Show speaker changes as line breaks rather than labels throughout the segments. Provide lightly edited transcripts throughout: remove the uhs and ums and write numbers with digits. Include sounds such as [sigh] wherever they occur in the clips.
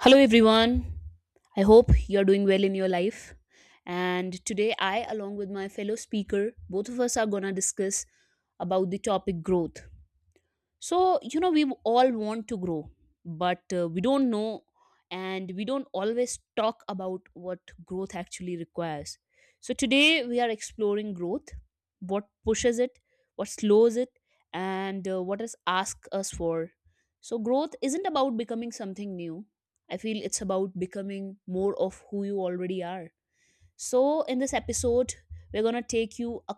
Hello, everyone. I hope you're doing well in your life. And today, I, along with my fellow speaker, both of us are going to discuss about the topic growth. So, you know, we all want to grow, but we don't know and we don't always talk about what growth actually requires. So, today we are exploring growth, what pushes it, what slows it, and what is asked us for. So, growth isn't about becoming something new. I feel it's about becoming more of who you already are. So, in this episode, we're going to take you a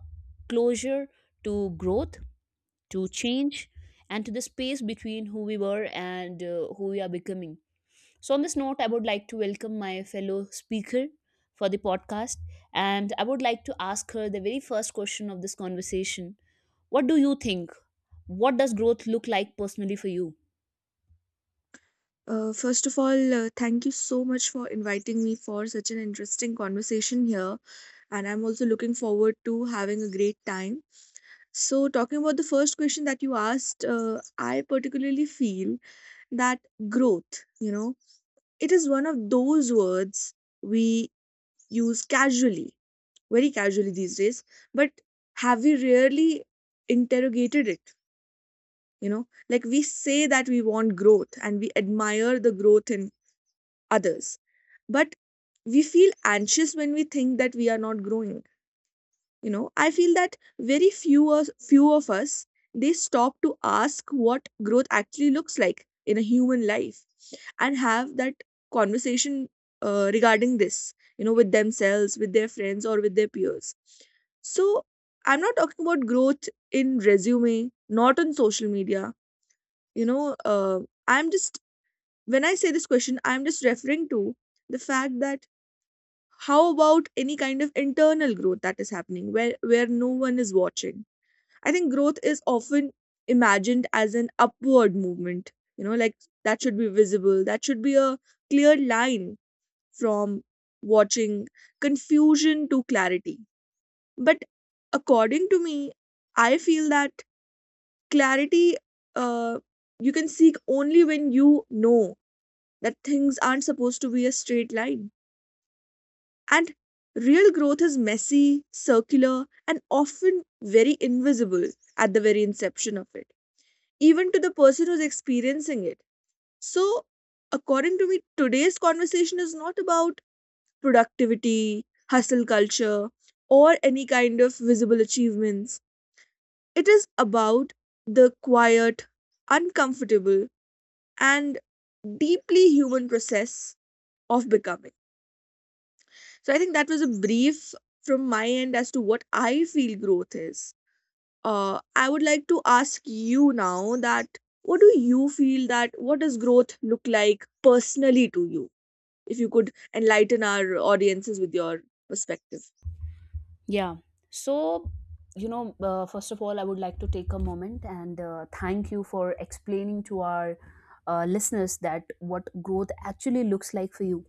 closure to growth, to change, and to the space between who we were and who we are becoming. So, on this note, I would like to welcome my fellow speaker for the podcast, and I would like to ask her the very first question of this conversation. What do you think? What does growth look like personally for you?
First of all, thank you so much for inviting me for such an interesting conversation here. And I'm also looking forward to having a great time. So, talking about the first question that you asked, I particularly feel that growth, you know, it is one of those words we use casually, very casually these days. But have we really interrogated it? You know, like we say that we want growth and we admire the growth in others, but we feel anxious when we think that we are not growing. You know, I feel that very few us, few of us, they stop to ask what growth actually looks like in a human life and have that conversation regarding this, you know, with themselves, with their friends, or with their peers. So I'm not talking about growth in resume, not on social media. You know I'm just When I say this question, I'm just referring to the fact that how about any kind of internal growth that is happening where no one is watching. I think growth is often imagined as an upward movement, you know, like that should be visible, that should be a clear line from watching confusion to clarity. But according to me, I feel that clarity, uh, you can seek only when you know that things aren't supposed to be a straight line. And real growth is messy, circular, and often very invisible at the very inception of it, even to the person who's experiencing it. So, according to me, today's conversation is not about productivity, hustle culture, or any kind of visible achievements. It is about the quiet, uncomfortable, and deeply human process of becoming. So I think that was a brief from my end as to what I feel growth is. I would like to ask you now that what do you feel that what does growth look like personally to you? If you could enlighten our audiences with your perspective.
Yeah. So, you know, first of all, I would like to take a moment and thank you for explaining to our listeners that what growth actually looks like for you,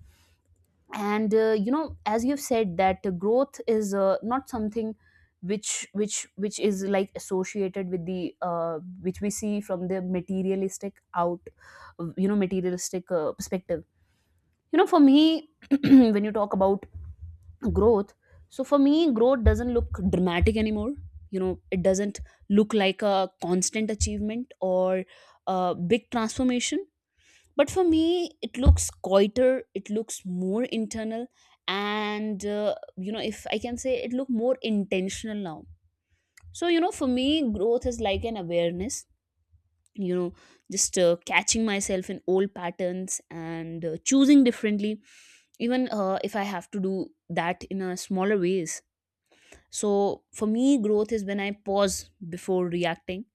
and you know, as you've said that growth is not something which is like associated with the which we see from the materialistic out, you know, materialistic perspective. You know, for me, [clears throat] when you talk about growth, so for me growth doesn't look dramatic anymore. You know, it doesn't look like a constant achievement or a big transformation, but for me it looks quieter, it looks more internal, and you know, if I can say, it look more intentional now. So, you know, for me, growth is like an awareness. You know, just catching myself in old patterns and choosing differently, even if I have to do that in a smaller ways. So for me growth is when I pause before reacting,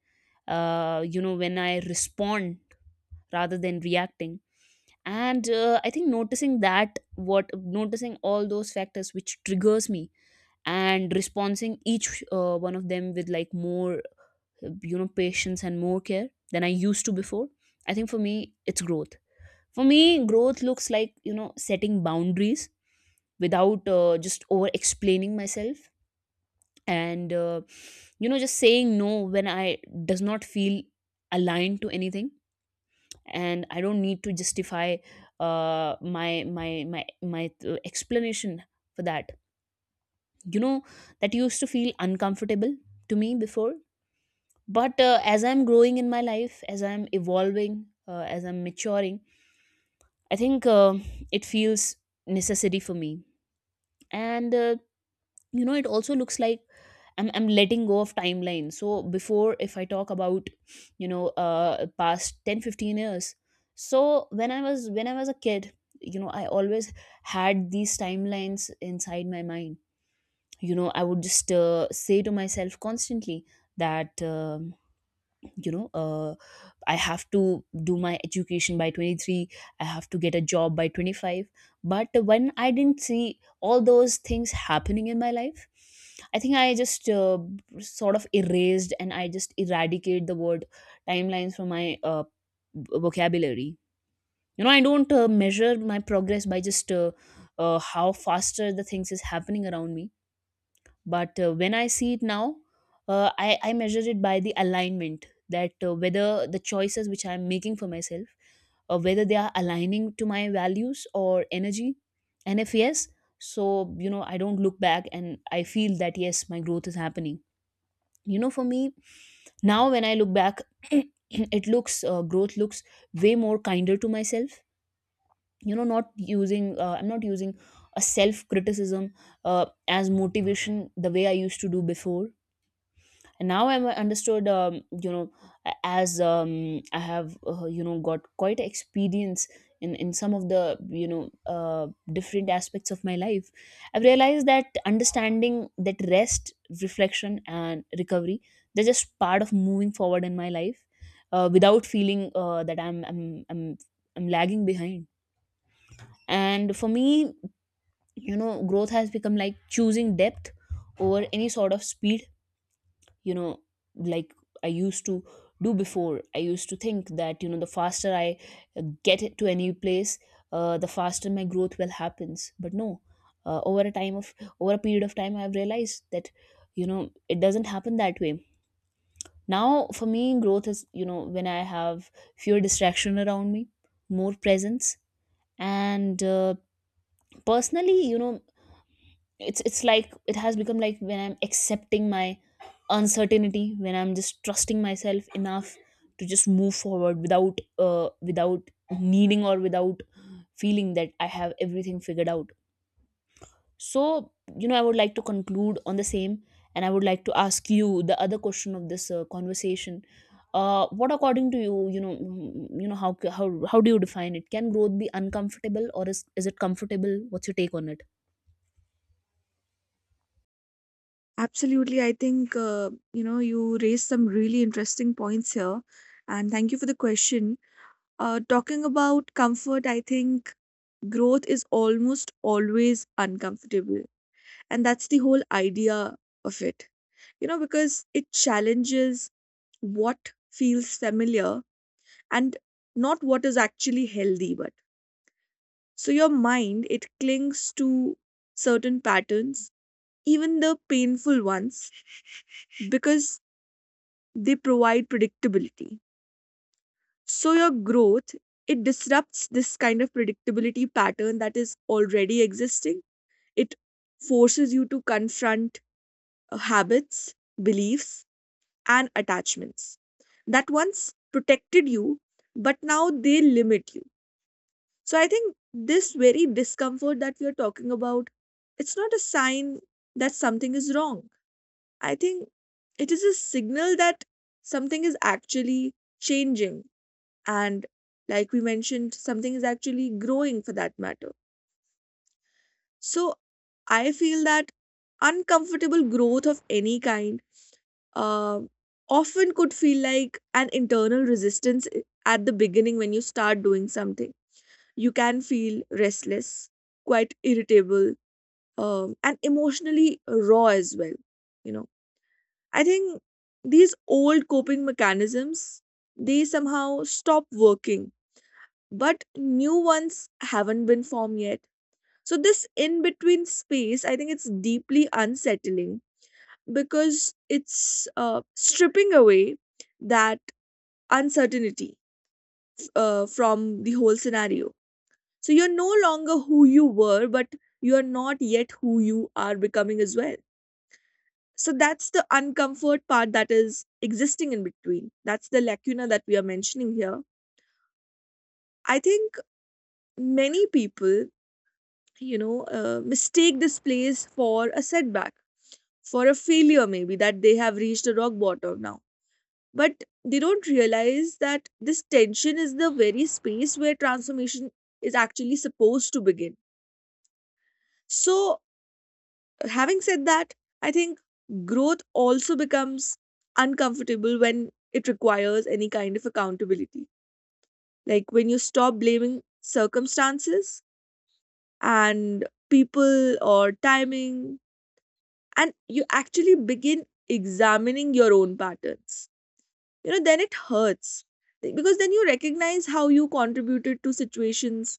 you know, when I respond rather than reacting. And I think noticing that what noticing all those factors which triggers me, and responding each one of them with like more, you know, patience and more care than I used to before. I think for me it's growth. For me growth looks like, you know, setting boundaries without just over explaining myself, and you know, just saying no when I does not feel aligned to anything, and I don't need to justify my my explanation for that. You know, that used to feel uncomfortable to me before, but as I'm growing in my life, as I'm evolving, as I'm maturing, I think it feels necessity for me. And you know, it also looks like I'm letting go of timeline. So before, if I talk about, you know, past 10-15 years, so when I was a kid, you know, I always had these timelines inside my mind. You know, I would just say to myself constantly that you know, I have to do my education by 23, I have to get a job by 25. But when I didn't see all those things happening in my life, I think I just sort of erased, and I just eradicate the word timelines from my vocabulary. You know, I don't measure my progress by just how faster the things is happening around me. But when I see it now, I measure it by the alignment, that whether the choices which I'm making for myself, whether they are aligning to my values or energy. And if yes, so, you know, I don't look back and I feel that yes, my growth is happening. You know, for me, now when I look back, [clears throat] it looks growth looks way more kinder to myself. You know, not using I'm not using a self criticism as motivation the way I used to do before. And now I'm understood, you know, as I have you know, got quite experience in some of the, you know, different aspects of my life. I've realized that understanding that rest, reflection and recovery, they're just part of moving forward in my life, without feeling that I'm lagging behind. And for me, you know, growth has become like choosing depth over any sort of speed. You know, like I used to do before, I used to think that, you know, the faster I uh, get it to any place, the faster my growth will happens. But no, uh, over a time of over a period of time, I've realized that, you know, it doesn't happen that way. Now for me, growth is, you know, when I have fewer distraction around me, more presence, and personally, you know, it's like it has become like when I'm accepting my uncertainty, when I'm just trusting myself enough to just move forward without needing or without feeling that I have everything figured out. So, you know, I would like to conclude on the same, and I would like to ask you the other question of this conversation. What according to you, you know, you know, how do you define, it can growth be uncomfortable, or is it comfortable? What's your take on it?
Absolutely. I think, you know, you raised some really interesting points here. And thank you for the question. Talking about comfort, I think growth is almost always uncomfortable. And that's the whole idea of it, you know, because it challenges what feels familiar and not what is actually healthy. But so your mind, it clings to certain patterns, even the painful ones, because they provide predictability. So your growth, it disrupts this kind of predictability pattern that is already existing. It forces you to confront habits, beliefs, and attachments that once protected you, but now they limit you. So I think this very discomfort that we are talking about, it's not a sign that something is wrong. I think it is a signal that something is actually changing. And like we mentioned, something is actually growing for that matter. So I feel that uncomfortable growth of any kind, um, often could feel like an internal resistance at the beginning when you start doing something. You can feel restless, quite irritable, and emotionally raw as well. You know, I think these old coping mechanisms, they somehow stop working, but new ones haven't been formed yet. So this in between space, I think it's deeply unsettling because it's stripping away that uncertainty from the whole scenario. So you're no longer who you were, but you're not yet who you are becoming as well. So that's the uncomfort part that is existing in between. That's the lacuna that we are mentioning here. I think many people, you know, mistake this place for a setback, for a failure, maybe that they have reached a rock bottom now, but they don't realize that this tension is the very space where transformation is actually supposed to begin. So, having said that, I think growth also becomes uncomfortable when it requires any kind of accountability. Like when you stop blaming circumstances and people or timing, and you actually begin examining your own patterns. You know, then it hurts because then you recognize how you contributed to situations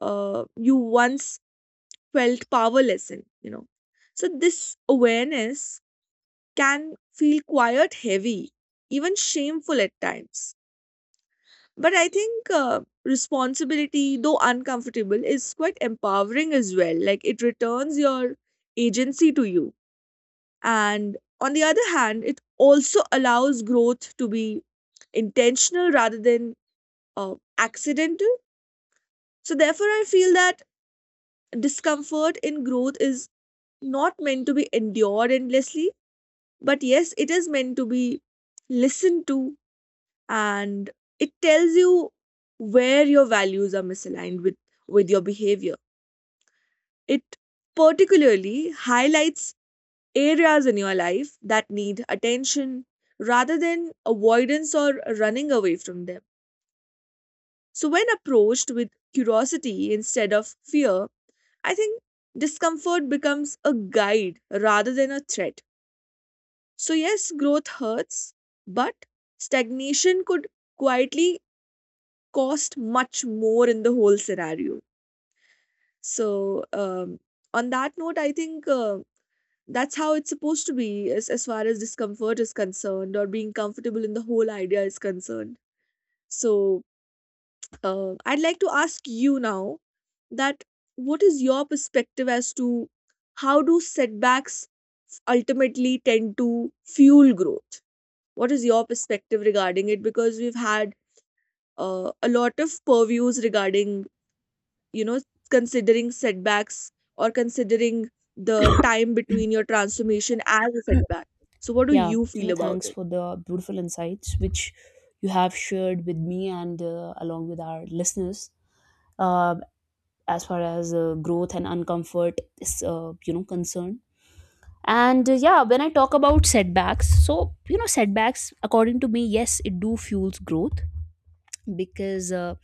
you once felt powerless in, you know. So this awareness can feel quite heavy, even shameful at times, but I think responsibility, though uncomfortable, is quite empowering as well. Like it returns your agency to you, and on the other hand, it also allows growth to be intentional rather than accidental. So, therefore, I feel that discomfort in growth is not meant to be endured endlessly, but yes, it is meant to be listened to, and it tells you where your values are misaligned with your behavior. It particularly highlights areas in your life that need attention rather than avoidance or running away from them. So, when approached with curiosity instead of fear, I think discomfort becomes a guide rather than a threat. So, yes, growth hurts, but stagnation could quietly cost much more in the whole scenario. So, on that note, I think that's how it's supposed to be as far as discomfort is concerned or being comfortable in the whole idea is concerned. So, I'd like to ask you now that what is your perspective as to how do setbacks ultimately tend to fuel growth? What is your perspective regarding it? Because we've had a lot of purviews regarding, you know, considering setbacks or considering the time between your transformation as a setback. So what do
Yeah,
you
you
feel
know,
about
thanks
it?
for the beautiful insights which you have shared with me and along with our listeners, uh, as far as growth and uncomfort is, you know, concerned. And yeah, when I talk about setbacks, so, you know, setbacks, according to me, yes, it do fuels growth, because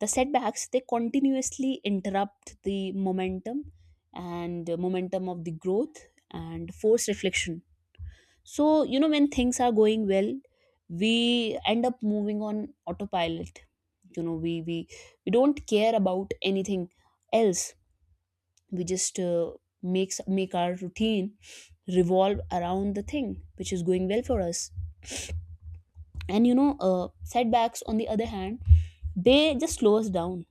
the setbacks, they continuously interrupt the momentum and momentum of the growth and force reflection. So, you know, when things are going well, we end up moving on autopilot. You know, we don't care about anything else. We just make our routine revolve around the thing which is going well for us. And you know, setbacks on the other hand, they just slow us down.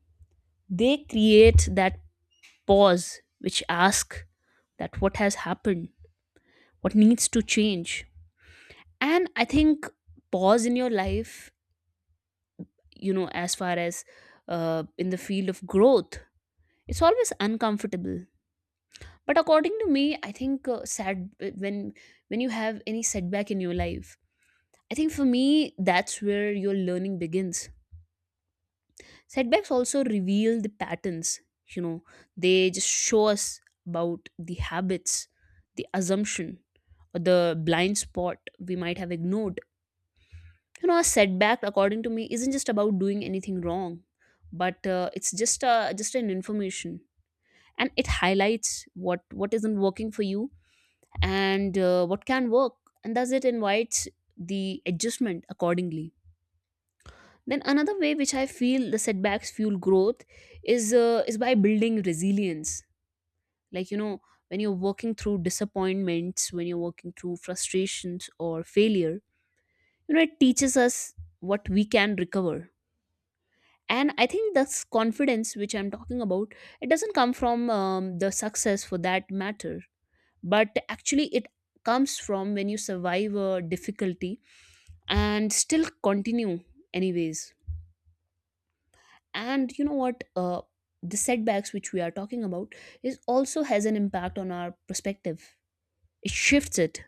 They create that pause which asks that what has happened, what needs to change. And I think pause in your life, you know, as far as in the field of growth, it's always uncomfortable. But according to me, I think, sad when you have any setback in your life, I think for me that's where your learning begins. Setbacks also reveal the patterns. You know, they just show us about the habits, the assumption, or the blind spot we might have ignored. You know, a setback according to me isn't just about doing anything wrong, but it's just an information, and it highlights what isn't working for you and what can work, and thus it invites the adjustment accordingly. Then another way which I feel the setbacks fuel growth is by building resilience. Like, you know, when you're working through disappointments, when you're working through frustrations or failure, you know, it teaches us what we can recover. And I think this confidence which I'm talking about, it doesn't come from the success for that matter, but actually it comes from when you survive a difficulty and still continue anyways. And you know what, the setbacks which we are talking about is also has an impact on our perspective. It shifts it.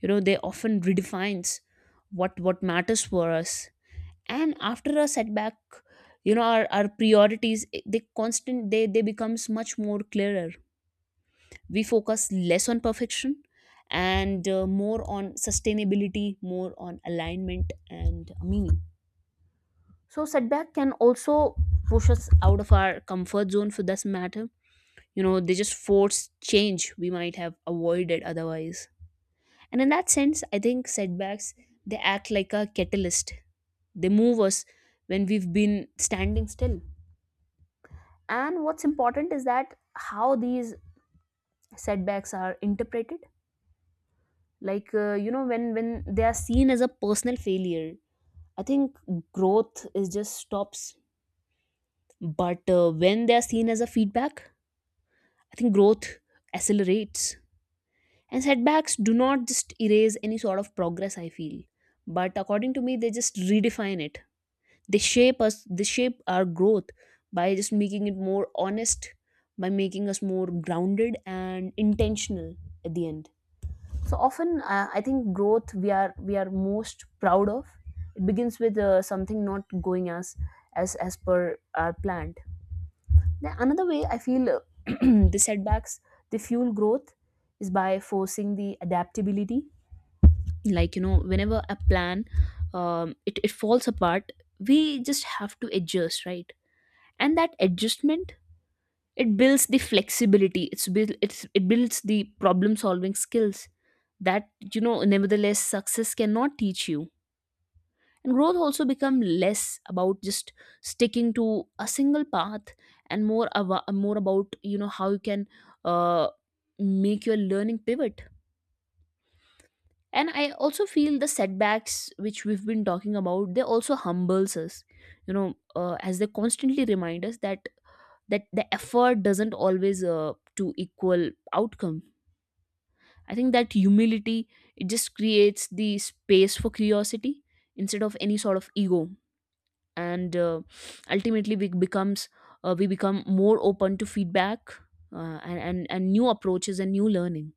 You know, they often redefines what matters for us. And after a setback, you know, our priorities they becomes much more clearer. We focus less on perfection, and more on sustainability, more on alignment and meaning. So setback can also push us out of our comfort zone for this matter. You know, they just force change we might have avoided otherwise. And in that sense, I think setbacks, they act like a catalyst. They move us when we've been standing still. And what's important is that how these setbacks are interpreted. Like, you know, when they are seen as a personal failure, I think growth is just stops. But when they are seen as a feedback, I think growth accelerates. And setbacks do not just erase any sort of progress, I feel, but according to me they just redefine it. They shape us, they shape our growth by just making it more honest, by making us more grounded and intentional at the end. So often, I think growth we are most proud of, it begins with something not going as as per our planned. Now another way I feel, [clears throat] the setbacks, they fuel growth is by forcing the adaptability. Like, you know, whenever a plan, it falls apart, we just have to adjust, right? And that adjustment, it builds the flexibility, it builds the problem solving skills that, you know, nevertheless success cannot teach you. And growth also become less about just sticking to a single path and more about, you know, how you can uh, make your learning pivot. And I also feel the setbacks which we've been talking about, they also humbles us, you know, as they constantly remind us that the effort doesn't always to equal outcome. I think that humility, it just creates the space for curiosity instead of any sort of ego. And ultimately we become more open to feedback, and new approaches and new learning.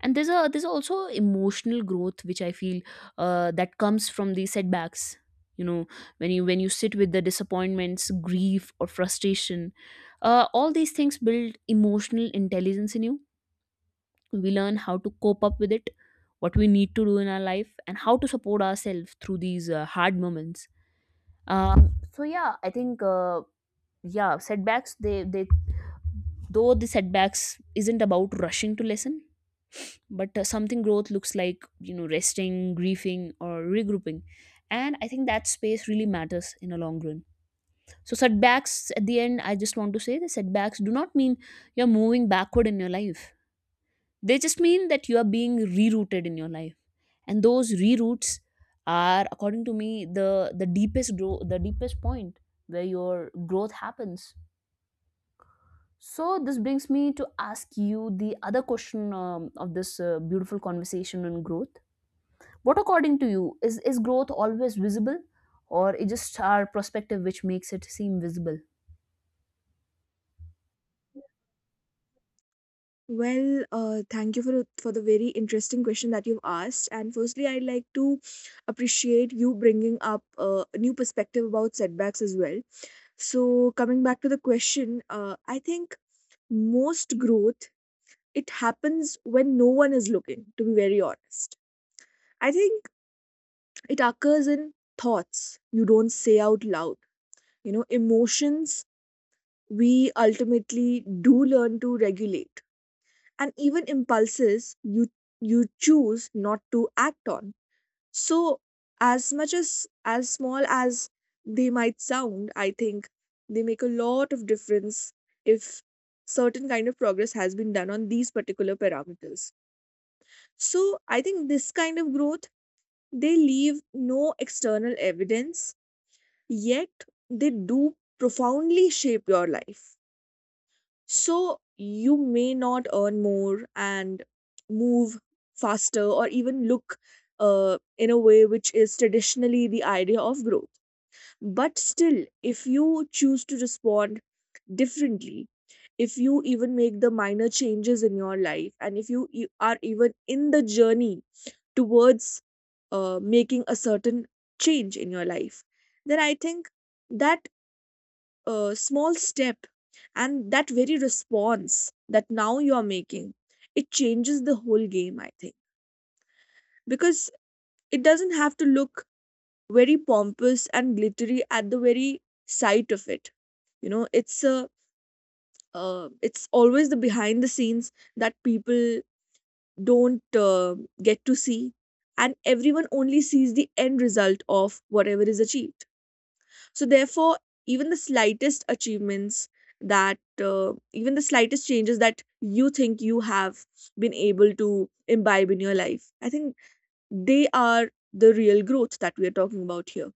And there's also emotional growth which I feel, that comes from these setbacks, you know, when you sit with the disappointments, grief or frustration. All these things build emotional intelligence in you. We learn how to cope up with it, what we need to do in our life and how to support ourselves through these hard moments. So yeah, I think yeah, setbacks they though the setbacks isn't about rushing to lesson, but something growth looks like, you know, resting, grieving or regrouping. And I think that space really matters in a long run. So setbacks, at the end, I just want to say the setbacks do not mean you're moving backward in your life, they just mean that you are being rerouted in your life. And those reroutes are, according to me, the deepest point where your growth happens. So this brings me to ask you the other question of this beautiful conversation on growth. What, according to you, is growth always visible, or it just our perspective which makes it seem visible?
Well, thank you for the very interesting question that you've asked. And firstly, I'd like to appreciate you bringing up a new perspective about setbacks as well. So, coming back to the question, I think most growth, it happens when no one is looking. To be very honest, I think it occurs in thoughts you don't say out loud. You know, emotions we ultimately do learn to regulate, and even impulses you you choose not to act on. So as much as small as they might sound, I think they make a lot of difference if certain kind of progress has been done on these particular parameters. So I think this kind of growth, they leave no external evidence, yet they do profoundly shape your life. So you may not earn more and move faster or even look in a way which is traditionally the idea of growth. But still, if you choose to respond differently, if you even make the minor changes in your life, and if you are even in the journey towards making a certain change in your life, then I think that small step and that very response that now you are making, it changes the whole game, I think, because it doesn't have to look very pompous and glittery at the very sight of it. You know, it's a it's always the behind the scenes that people don't get to see, and everyone only sees the end result of whatever is achieved. So therefore, even the slightest achievements that even the slightest changes that you think you have been able to imbibe in your life, I think they are the real growth that we are talking about here.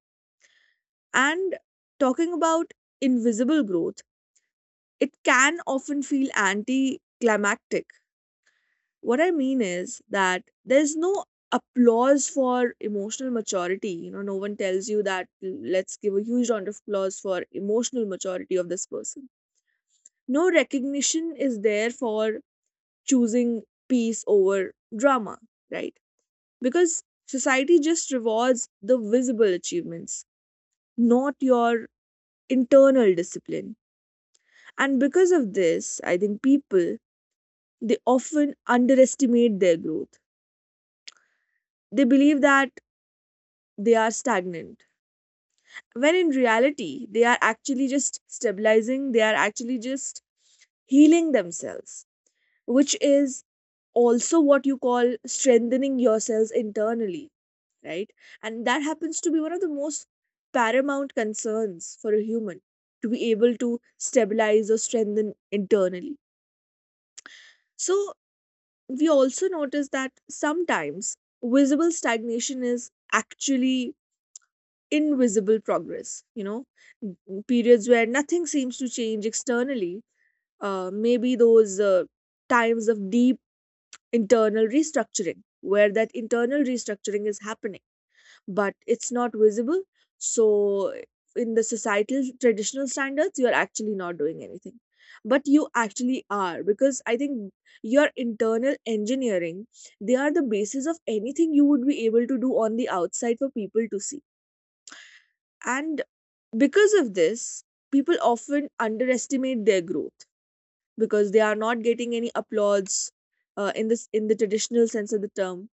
And talking about invisible growth, it can often feel anticlimactic. What I mean is that there's no applause for emotional maturity. You know, no one tells you that let's give a huge round of applause for emotional maturity of this person. No recognition is there for choosing peace over drama, right? Because society just rewards the visible achievements, not your internal discipline. And because of this, I think people, they often underestimate their growth. They believe that they are stagnant when in reality they are actually just stabilizing, they are actually just healing themselves, which is also what you call strengthening yourselves internally, right? And that happens to be one of the most paramount concerns for a human to be able to stabilize or strengthen internally. So we also notice that sometimes visible stagnation is actually invisible progress, you know, n- periods where nothing seems to change externally, maybe those times of deep internal restructuring where that internal restructuring is happening, but it's not visible. So in the societal traditional standards, you're actually not doing anything, but you actually are, because I think your internal engineering, they are the basis of anything you would be able to do on the outside for people to see. And because of this, people often underestimate their growth because they are not getting any applause in this in the traditional sense of the term,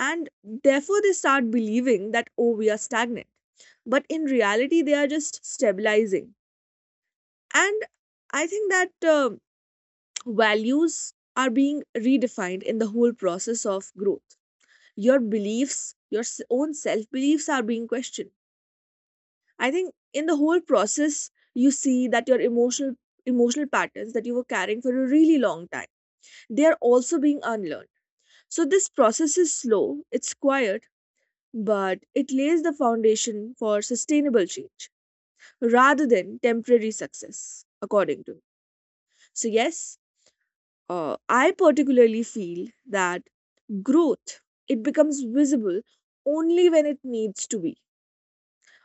and therefore they start believing that oh, we are stagnant, but in reality they are just stabilizing. And I think that values are being redefined in the whole process of growth. Your beliefs, your own self beliefs are being questioned. I think in the whole process, you see that your emotional patterns that you were carrying for a really long time, they are also being unlearned. So this process is slow, it's quiet, but it lays the foundation for sustainable change rather than temporary success, according to me. So yes, I particularly feel that growth, it becomes visible only when it needs to be.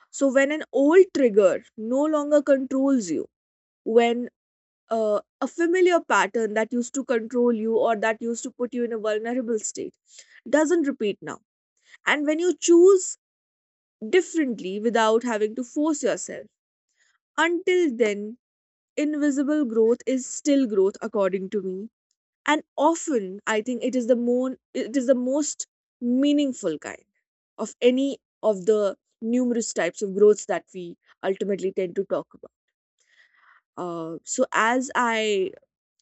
So when an old trigger no longer controls you, when a familiar pattern that used to control you or that used to put you in a vulnerable state doesn't repeat now. And when you choose differently without having to force yourself, until then, invisible growth is still growth, according to me. And often, I think it is it is the most meaningful kind of any of the numerous types of growths that we ultimately tend to talk about. So as I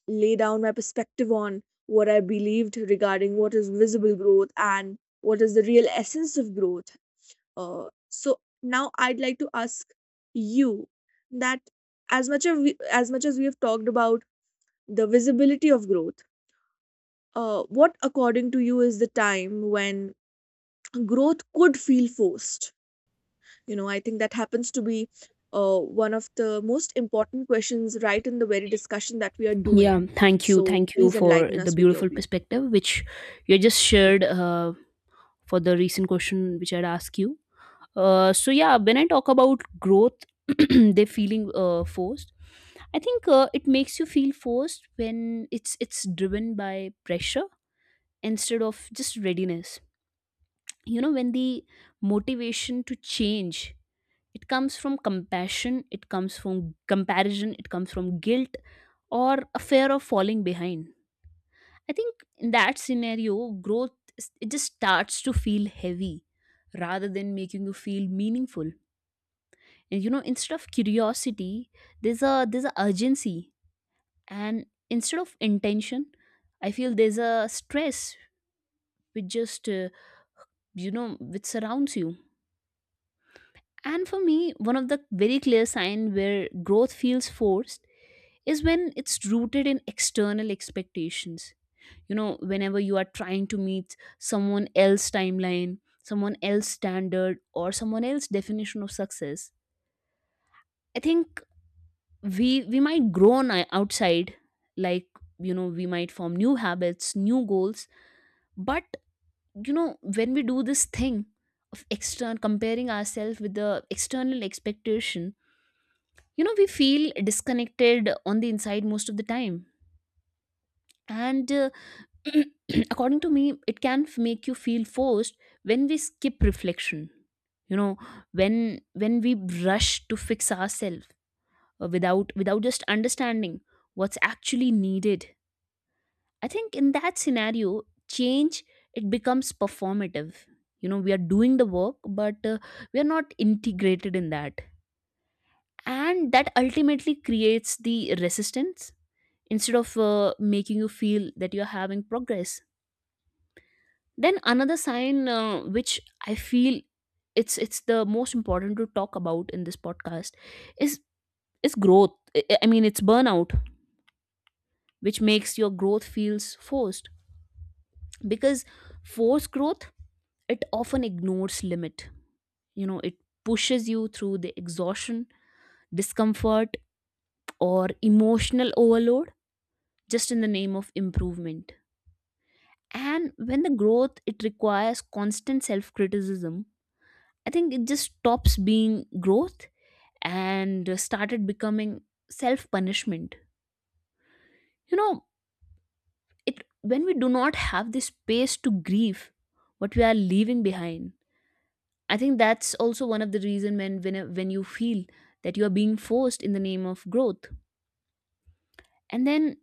lay down my perspective on what I believed regarding what is visible growth and what is the real essence of growth. So now I'd like to ask you that as much as we have talked about the visibility of growth, what according to you is the time when growth could feel forced? You know, I think that happens to be one of the most important questions right in the very discussion that we are
Yeah,
doing.
thank you,
So please
for
enlighten
the
us with your
beautiful
view.
perspective which you just shared, for the recent question which I'd asked you. So yeah, when I talk about growth, [clears throat] they feeling forced, I think it makes you feel forced when it's driven by pressure instead of just readiness. You know, when the motivation to change, it comes from compassion, it comes from comparison, it comes from guilt or a fear of falling behind, I think in that scenario growth it just starts to feel heavy rather than making you feel meaningful. And you know, instead of curiosity, there's a urgency, and instead of intention, I feel there's a stress which just you know, which surrounds you. And for me, one of the very clear sign where growth feels forced is when it's rooted in external expectations. You know, whenever you are trying to meet someone else's timeline, someone else's standard, or someone else's definition of success, I think we might grow on outside, like you know, we might form new habits, new goals. But you know, when we do this thing of external comparing ourselves with the external expectation, you know, we feel disconnected on the inside most of the time. And [clears throat] according to me, it can make you feel forced when we skip reflection, you know, when when we rush to fix ourselves without just understanding what's actually needed. I think in that scenario, change, it becomes performative. You know, we are doing the work, but we are not integrated in that, and that ultimately creates the resistance instead of making you feel that you're having progress. Then another sign which I feel it's the most important to talk about in this podcast is is growth I mean it's burnout which makes your growth feels forced, because forced growth, it often ignores limit. You know, it pushes you through the exhaustion, discomfort or emotional overload just in the name of improvement. And when the growth, it requires constant self criticism, I think it just stops being growth and started becoming self punishment. You know, it when we do not have the space to grieve what we are leaving behind, I think that's also one of the reason when you feel that you are being forced in the name of growth. And then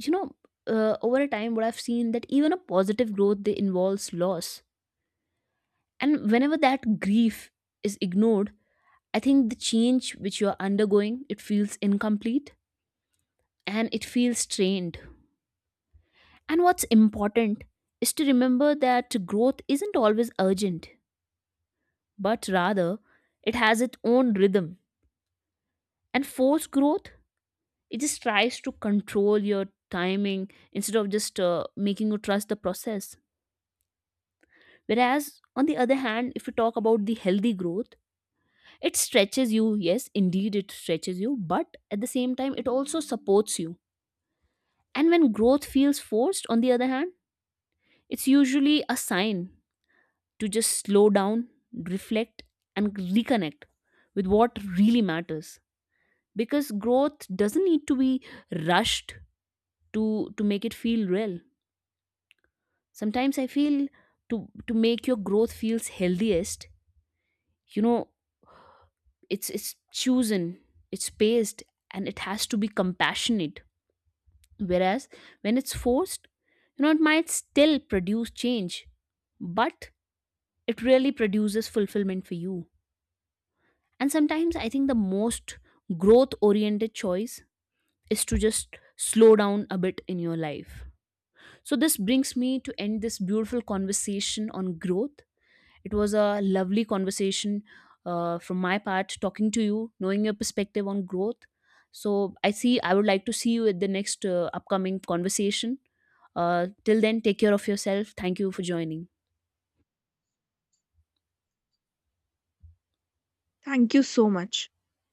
you know, over a time, what I've seen, that even a positive growth they involves loss, and whenever that grief is ignored, I think the change which you are undergoing, it feels incomplete and it feels strained. And what's important is to remember that growth isn't always urgent, but rather it has its own rhythm. And forced growth, it just tries to control your timing instead of just making you trust the process. Whereas, on the other hand, if you talk about the healthy growth, it stretches you. Yes, indeed, it stretches you, but at the same time, it also supports you. And when growth feels forced, on the other hand, it's usually a sign to just slow down, reflect, and reconnect with what really matters. Because growth doesn't need to be rushed to make it feel real. Sometimes I feel to make your growth feels healthiest, you know, it's chosen, it's paced, and it has to be compassionate. Whereas when it's forced, you know, it might still produce change, but it really produces fulfillment for you. And sometimes I think the most growth oriented choice is to just slow down a bit in your life. So this brings me to end this beautiful conversation on growth. It was a lovely conversation from my part, talking to you, knowing your perspective on growth. So I see, I would like to see you at the next upcoming conversation. Till then, take care of yourself. Thank you for joining.
Thank you so much.